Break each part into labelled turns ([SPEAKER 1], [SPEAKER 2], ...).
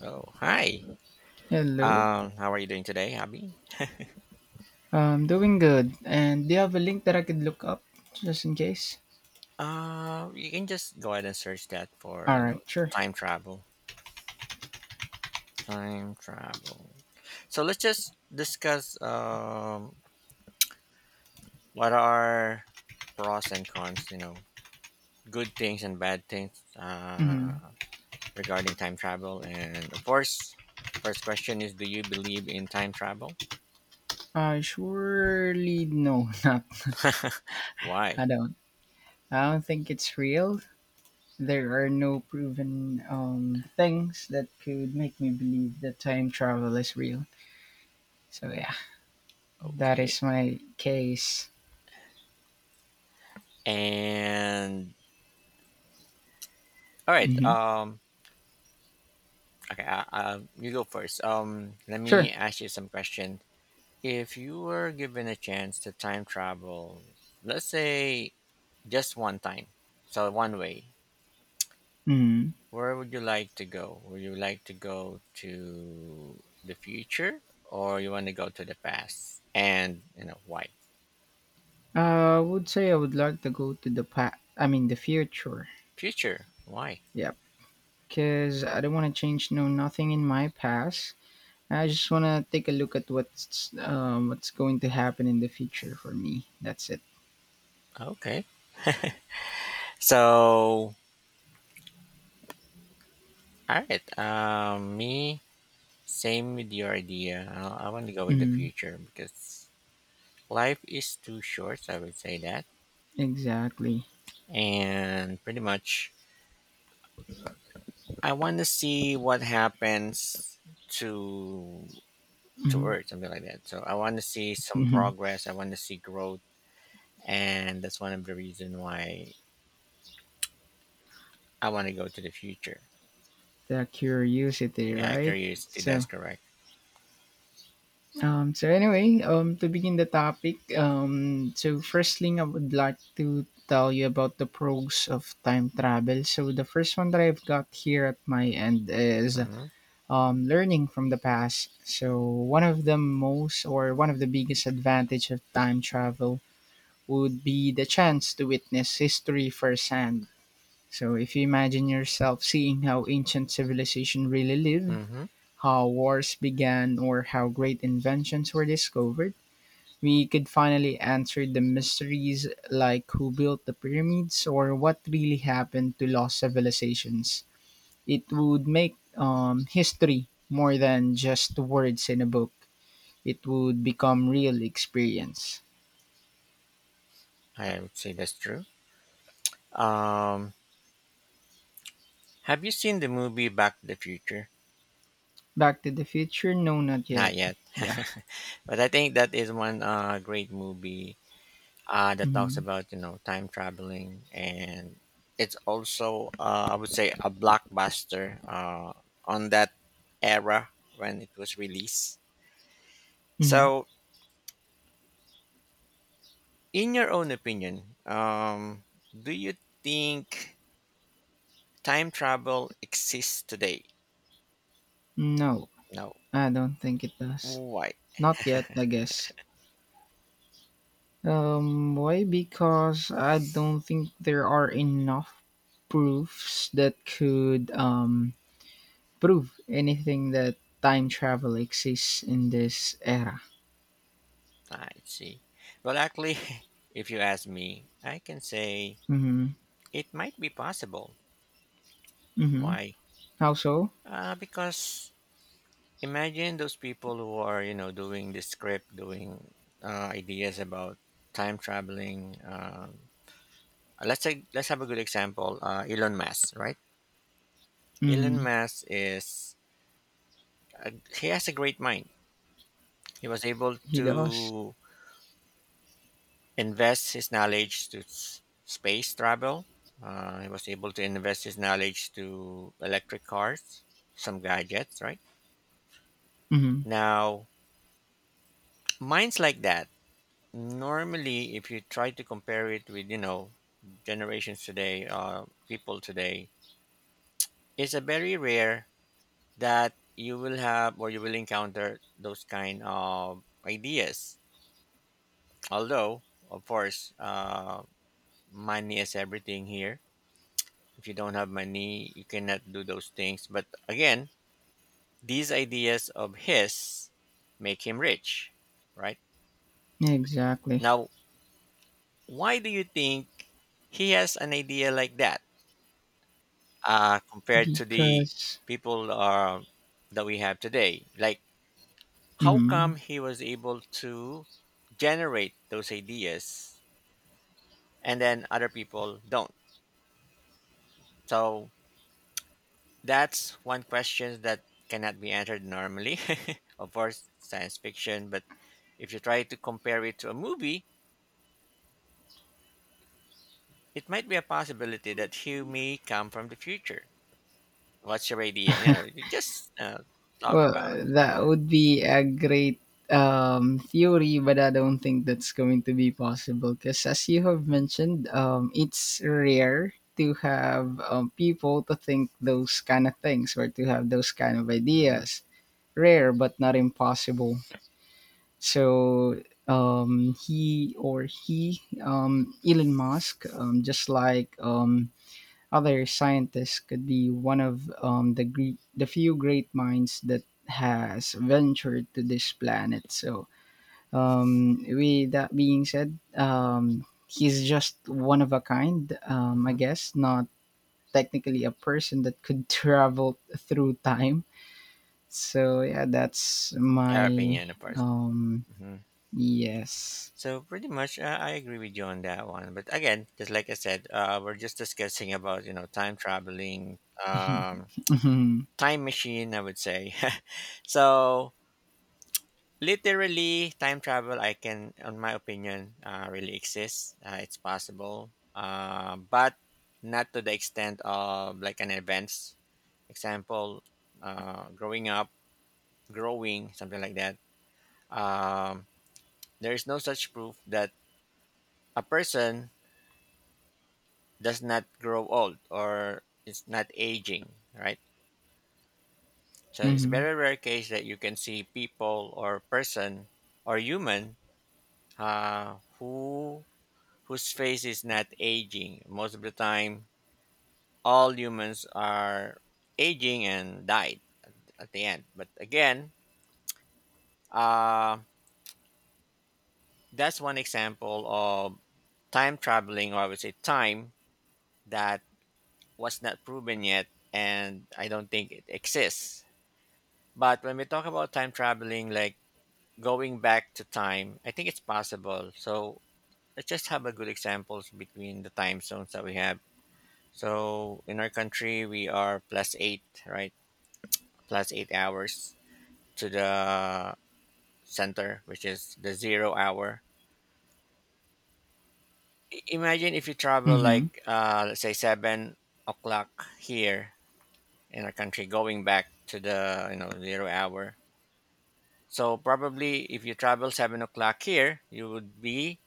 [SPEAKER 1] Oh, hi.
[SPEAKER 2] Hello.
[SPEAKER 1] How are you doing today, Abby?
[SPEAKER 2] I'm doing good. And do you have a link that I could look up just in case?
[SPEAKER 1] You can just go ahead and search that for,
[SPEAKER 2] All
[SPEAKER 1] you know,
[SPEAKER 2] right, sure.
[SPEAKER 1] time travel. Time travel. So let's just discuss what are pros and cons, you know, good things and bad things
[SPEAKER 2] hmm
[SPEAKER 1] regarding time travel. And of course, first question is do you believe in time travel?
[SPEAKER 2] I surely no, not. I
[SPEAKER 1] Why?
[SPEAKER 2] don't. I don't think it's real. There are no proven things that could make me believe that time travel is real. So yeah, that
[SPEAKER 1] Okay.
[SPEAKER 2] is my case.
[SPEAKER 1] And all right,
[SPEAKER 2] Hmm
[SPEAKER 1] okay, you go first. Let
[SPEAKER 2] Sure.
[SPEAKER 1] me ask you some question. If you were given a chance to time travel, let's say just one time, so one way,
[SPEAKER 2] hmm
[SPEAKER 1] where would you like to go? Would you like to go to the future, or you want to go to the past? And you know why?
[SPEAKER 2] I would say I would like to go to the future.
[SPEAKER 1] Future? Why?
[SPEAKER 2] Yep. Because I don't want to change no nothing in my past. I just want to take a look at what's going to happen in the future for me. That's it.
[SPEAKER 1] Okay. So, all right. Me, same with your idea. I want to go with the
[SPEAKER 2] Mm,
[SPEAKER 1] future because life is too short, I would say that.
[SPEAKER 2] exactly.
[SPEAKER 1] And pretty much, I want to see what happens to earth, something like that. So I want to see some
[SPEAKER 2] Mhm.
[SPEAKER 1] progress, I want to see growth, and that's one of the reason why I want to go to the future.
[SPEAKER 2] The curiosity,
[SPEAKER 1] Yeah,
[SPEAKER 2] right?
[SPEAKER 1] curiosity,
[SPEAKER 2] So,
[SPEAKER 1] that's correct.
[SPEAKER 2] so anyway, to begin the topic, so first thing I would like to tell you about the pros of time travel. So the first one that I've got here at my end is
[SPEAKER 1] Mm-hmm.
[SPEAKER 2] learning from the past. So one of the biggest advantage of time travel would be the chance to witness history firsthand. So, if you imagine yourself seeing how ancient civilization really lived,
[SPEAKER 1] Mm-hmm.
[SPEAKER 2] how wars began, or how great inventions were discovered, we could finally answer the mysteries like who built the pyramids or what really happened to lost civilizations. It would make history more than just words in a book, it would become real experience.
[SPEAKER 1] I would say that's true. um have you seen the movie Back to the Future?
[SPEAKER 2] Back to the Future? No, not yet.
[SPEAKER 1] Not yet.
[SPEAKER 2] Yeah.
[SPEAKER 1] But I think that is one great movie, that talks
[SPEAKER 2] hmm
[SPEAKER 1] about, you know, time traveling. And it's also, I would say, a blockbuster, on that era when it was released.
[SPEAKER 2] hmm
[SPEAKER 1] So in your own opinion, do you think time travel exists today?
[SPEAKER 2] No,
[SPEAKER 1] No.
[SPEAKER 2] I don't think it does.
[SPEAKER 1] Why?
[SPEAKER 2] Not yet, I guess. Why? Because I don't think there are enough proofs that could prove anything that time travel exists in this era.
[SPEAKER 1] I see. Well, actually, if you ask me, I can say
[SPEAKER 2] Mm-hmm.
[SPEAKER 1] it might be possible.
[SPEAKER 2] Mm-hmm.
[SPEAKER 1] Why?
[SPEAKER 2] How so?
[SPEAKER 1] Because imagine those people who are, you know, doing the script, doing ideas about time traveling. Let's say, let's have a good example. Elon Musk, right? Elon
[SPEAKER 2] Mm-hmm.
[SPEAKER 1] Musk is, uh, he has a great mind. He was able
[SPEAKER 2] He does.
[SPEAKER 1] to invest his knowledge to space travel. He was able to invest his knowledge to electric cars, some gadgets, right?
[SPEAKER 2] Mm-hmm.
[SPEAKER 1] Now, minds like that. Normally, if you try to compare it with, you know, generations today, people today, it's a very rare that you will have or you will encounter those kind of ideas. Although, of course, money is everything here. If you don't have money, you cannot do those things. But again, these ideas of his make him rich, right?
[SPEAKER 2] Exactly.
[SPEAKER 1] Now, why do you think he has an idea like that? Compared to the
[SPEAKER 2] Because.
[SPEAKER 1] people, that we have today. Like, how
[SPEAKER 2] Mm-hmm.
[SPEAKER 1] come he was able to generate those ideas and then other people don't? So, that's one question that cannot be answered normally. Of course, science fiction, but if you try to compare it to a movie, it might be a possibility that he may come from the future. What's your idea? You know, you just talk
[SPEAKER 2] Well,
[SPEAKER 1] about.
[SPEAKER 2] that would be a great theory, but I don't think that's going to be possible because, as you have
[SPEAKER 1] Mhm,
[SPEAKER 2] mentioned, it's rare to have people to think those kind of things or to have those kind of
[SPEAKER 1] mhm,
[SPEAKER 2] ideas. Rare, but not impossible. So he, Elon Musk, just like other scientists could be one of the few great minds that has ventured to this planet. So, with that being said, he's just one of a kind. I
[SPEAKER 1] mhm.
[SPEAKER 2] guess not technically a person that could travel through time. So yeah, that's
[SPEAKER 1] Your
[SPEAKER 2] my
[SPEAKER 1] opinion, of course.
[SPEAKER 2] um
[SPEAKER 1] Mhm.
[SPEAKER 2] yes.
[SPEAKER 1] So pretty much, I agree with you on that one. But again, just like I said, we're just discussing about, you know, time traveling, um,
[SPEAKER 2] Mhm.
[SPEAKER 1] time machine. I would say, so literally time travel, I can, on my opinion, really exists. It's possible, but not to the extent of like an advanced example. Growing up, growing something like that. Um, there is no such proof that a person does not grow old or it's not aging, right? So it's a
[SPEAKER 2] Mhm.
[SPEAKER 1] very rare case that you can see people or person or human, who whose face is not aging. Most of the time, all humans are aging and died at the end. But again, uh, that's one example of time traveling, or I would say time that was not proven yet, and I don't think it exists. But when we talk about time traveling, like going back to time, I think it's possible. So let's just have a good examples between the time zones that we have. So in our country, we are plus eight, right? Plus 8 hours to the center, which is the 0 hour. Imagine if you travel
[SPEAKER 2] Mhm.
[SPEAKER 1] like, let's say 7 o'clock here in our country, going back to the, you know, 0 hour. So probably if you travel 7 o'clock here, you would be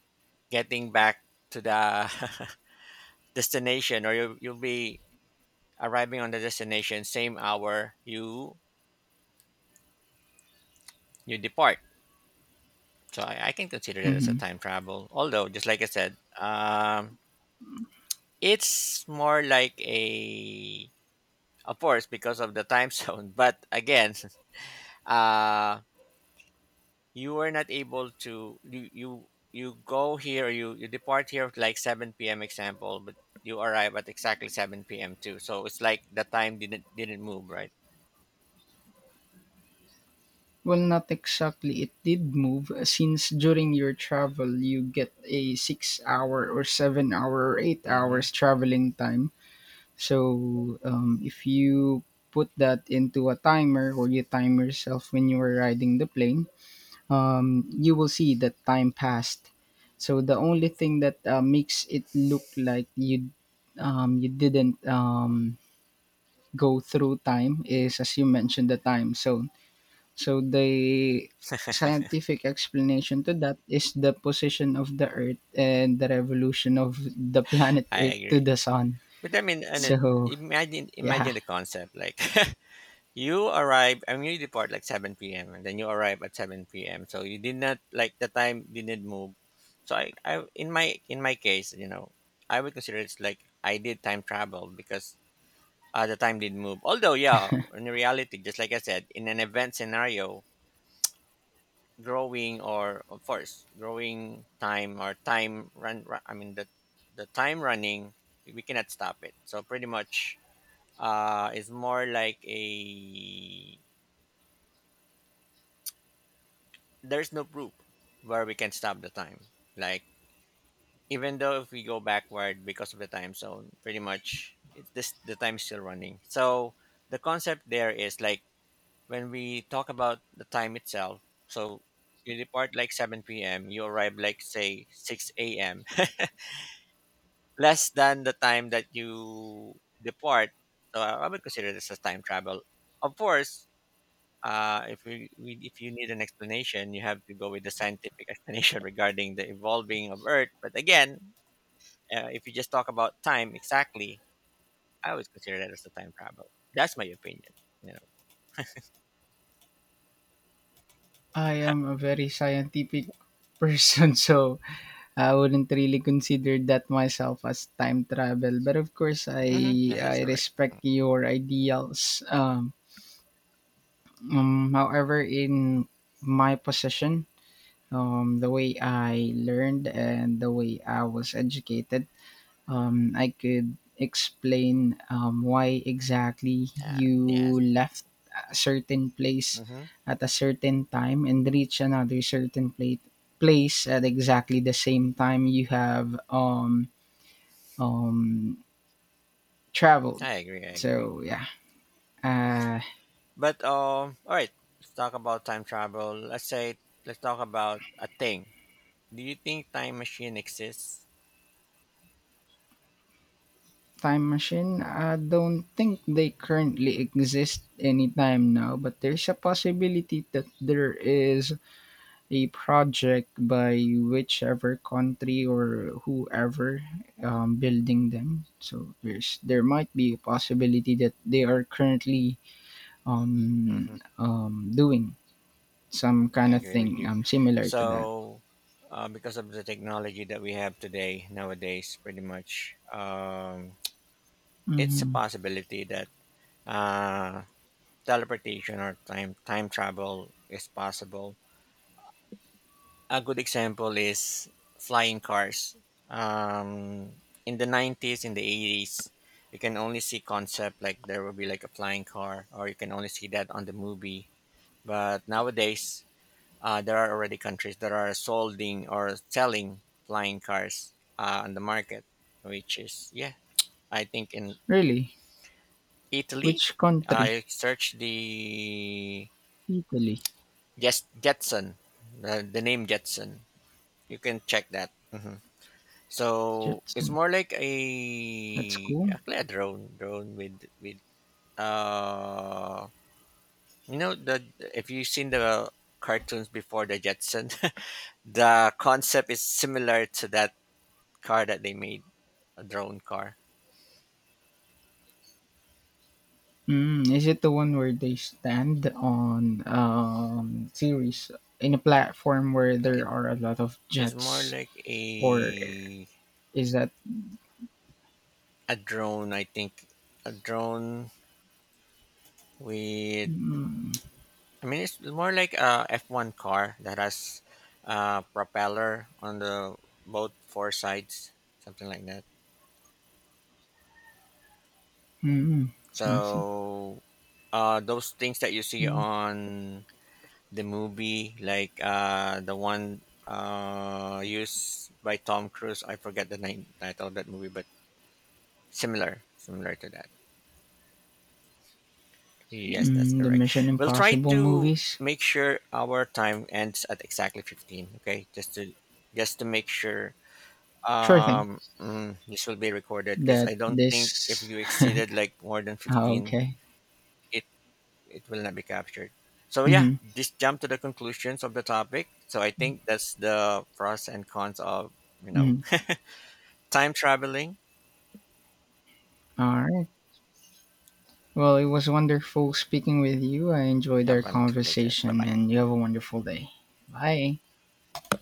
[SPEAKER 1] getting back to the destination, or you, you'll be arriving on the destination same hour you you depart. So I can consider that as a
[SPEAKER 2] Mhm.
[SPEAKER 1] time travel, although just like I said, um, it's more like a, of course, because of the time zone. But again, uh, you were not able to, you go here, you depart here at like 7 p.m. example, but you arrive at exactly 7 p.m. too, so it's like the time didn't move, right?
[SPEAKER 2] Well, not exactly. It did move, since during your travel, you get a 6 hour or 7 hour or eight
[SPEAKER 1] Mm-hmm.
[SPEAKER 2] hours traveling time. So, if you put that into a timer or you time yourself when you were riding the plane, you will see that time passed. So, the only thing that makes it look like you didn't go through time is, as you mentioned, the time zone, so the scientific explanation to that is the position of the Earth and the revolution of the planet
[SPEAKER 1] I
[SPEAKER 2] Earth to
[SPEAKER 1] agree.
[SPEAKER 2] the sun.
[SPEAKER 1] But I mean, and it,
[SPEAKER 2] So
[SPEAKER 1] imagine
[SPEAKER 2] yeah,
[SPEAKER 1] imagine the concept like you arrive. I mean, you depart like seven p.m. and then you arrive at seven p.m. So you did not, like, the time didn't move. So I in my, in my case, you know, I would consider it's like I did time travel because the time didn't move. Although, yeah, in reality, just like I said, in an event scenario, growing or of course growing time or time run, run I mean the time running, we cannot stop it. So pretty much, uh, it's more like a, there's no proof where we can stop the time, like even though if we go backward because of the time zone, pretty much it's this, the time is still running. So the concept there is like, when we talk about the time itself, so you depart like 7 p.m., you arrive like, say, 6 a.m., less than the time that you depart. So I would consider this as time travel. Of course, if we, we if you need an explanation, you have to go with the scientific explanation regarding the evolving of Earth. But again, if you just talk about time exactly, I would consider that as a time travel. That's my opinion. You
[SPEAKER 2] I am a very scientific person, so I wouldn't really consider that myself as time travel. But of course,
[SPEAKER 1] know, hmm,
[SPEAKER 2] I
[SPEAKER 1] yeah, that's
[SPEAKER 2] I
[SPEAKER 1] correct.
[SPEAKER 2] respect your ideals. However, in my position, the way I learned and the way I was educated, I could explain why exactly you
[SPEAKER 1] Yes,
[SPEAKER 2] left a certain place
[SPEAKER 1] hmm,
[SPEAKER 2] at a certain time and reach another certain plate place at exactly the same time you have um traveled.
[SPEAKER 1] I agree. I agree.
[SPEAKER 2] So yeah, uh
[SPEAKER 1] But all right, let's talk about time travel. Let's say let's talk about a thing. Do you think time machine exists?
[SPEAKER 2] time machine, I don't think they currently exist anytime now, but there's a possibility that there is a project by whichever country or whoever building them. So there might be a possibility that they are currently
[SPEAKER 1] Hmm.
[SPEAKER 2] doing some kind
[SPEAKER 1] I
[SPEAKER 2] of
[SPEAKER 1] agree with
[SPEAKER 2] thing
[SPEAKER 1] you.
[SPEAKER 2] similar to that.
[SPEAKER 1] So, because of the technology that we have today nowadays, pretty much, it's a
[SPEAKER 2] Hmm
[SPEAKER 1] possibility that uh, teleportation or time travel is possible. A good example is flying cars. Um, in the 90s, in the 80s, you can only see concept like there will be like a flying car, or you can only see that on the movie. But nowadays, uh, there are already countries that are solding or selling flying cars, on the market, which is, yeah, I think in
[SPEAKER 2] Really,
[SPEAKER 1] Italy.
[SPEAKER 2] which country?
[SPEAKER 1] I searched the,
[SPEAKER 2] Italy.
[SPEAKER 1] yes, Jetson, the name Jetson. You can check that. Hmm. So it's
[SPEAKER 2] Jetson.
[SPEAKER 1] more like
[SPEAKER 2] That's
[SPEAKER 1] a,
[SPEAKER 2] cool.
[SPEAKER 1] actually, a drone with uh you know, the, if you've seen the cartoons before, the Jetson, the concept is similar to that car that they made, a drone car.
[SPEAKER 2] Mm, is it the one where they stand on series in a platform where there
[SPEAKER 1] It
[SPEAKER 2] are a lot of
[SPEAKER 1] is more
[SPEAKER 2] jets,
[SPEAKER 1] like
[SPEAKER 2] or
[SPEAKER 1] a
[SPEAKER 2] is that...
[SPEAKER 1] a drone, I think, a drone with.
[SPEAKER 2] Mm,
[SPEAKER 1] I mean, it's more like a F one car that has a propeller on the both four sides, something like that.
[SPEAKER 2] mm, I see.
[SPEAKER 1] So, those things that you see
[SPEAKER 2] Mm,
[SPEAKER 1] on the movie, like the one used by Tom Cruise. I forget the name title of that movie, but similar, similar to that. Yes, that's
[SPEAKER 2] mm, the
[SPEAKER 1] correct.
[SPEAKER 2] Mission
[SPEAKER 1] We'll try
[SPEAKER 2] Impossible
[SPEAKER 1] to
[SPEAKER 2] movies?
[SPEAKER 1] make sure our time ends at exactly 15, okay? Just to make sure
[SPEAKER 2] Sure thing.
[SPEAKER 1] um, mm, this will be recorded because
[SPEAKER 2] That
[SPEAKER 1] I don't think if
[SPEAKER 2] this.
[SPEAKER 1] you exceeded like more than 15,
[SPEAKER 2] Okay.
[SPEAKER 1] it it will not be captured. So yeah,
[SPEAKER 2] Mm-hmm,
[SPEAKER 1] just jump to the conclusions of the topic. So I think that's the pros and cons of, you know,
[SPEAKER 2] mm-hmm.
[SPEAKER 1] time traveling.
[SPEAKER 2] All right. Well, it was wonderful speaking with you. I enjoyed our
[SPEAKER 1] Have fun later. Bye
[SPEAKER 2] conversation
[SPEAKER 1] bye.
[SPEAKER 2] and you have a wonderful day. Bye.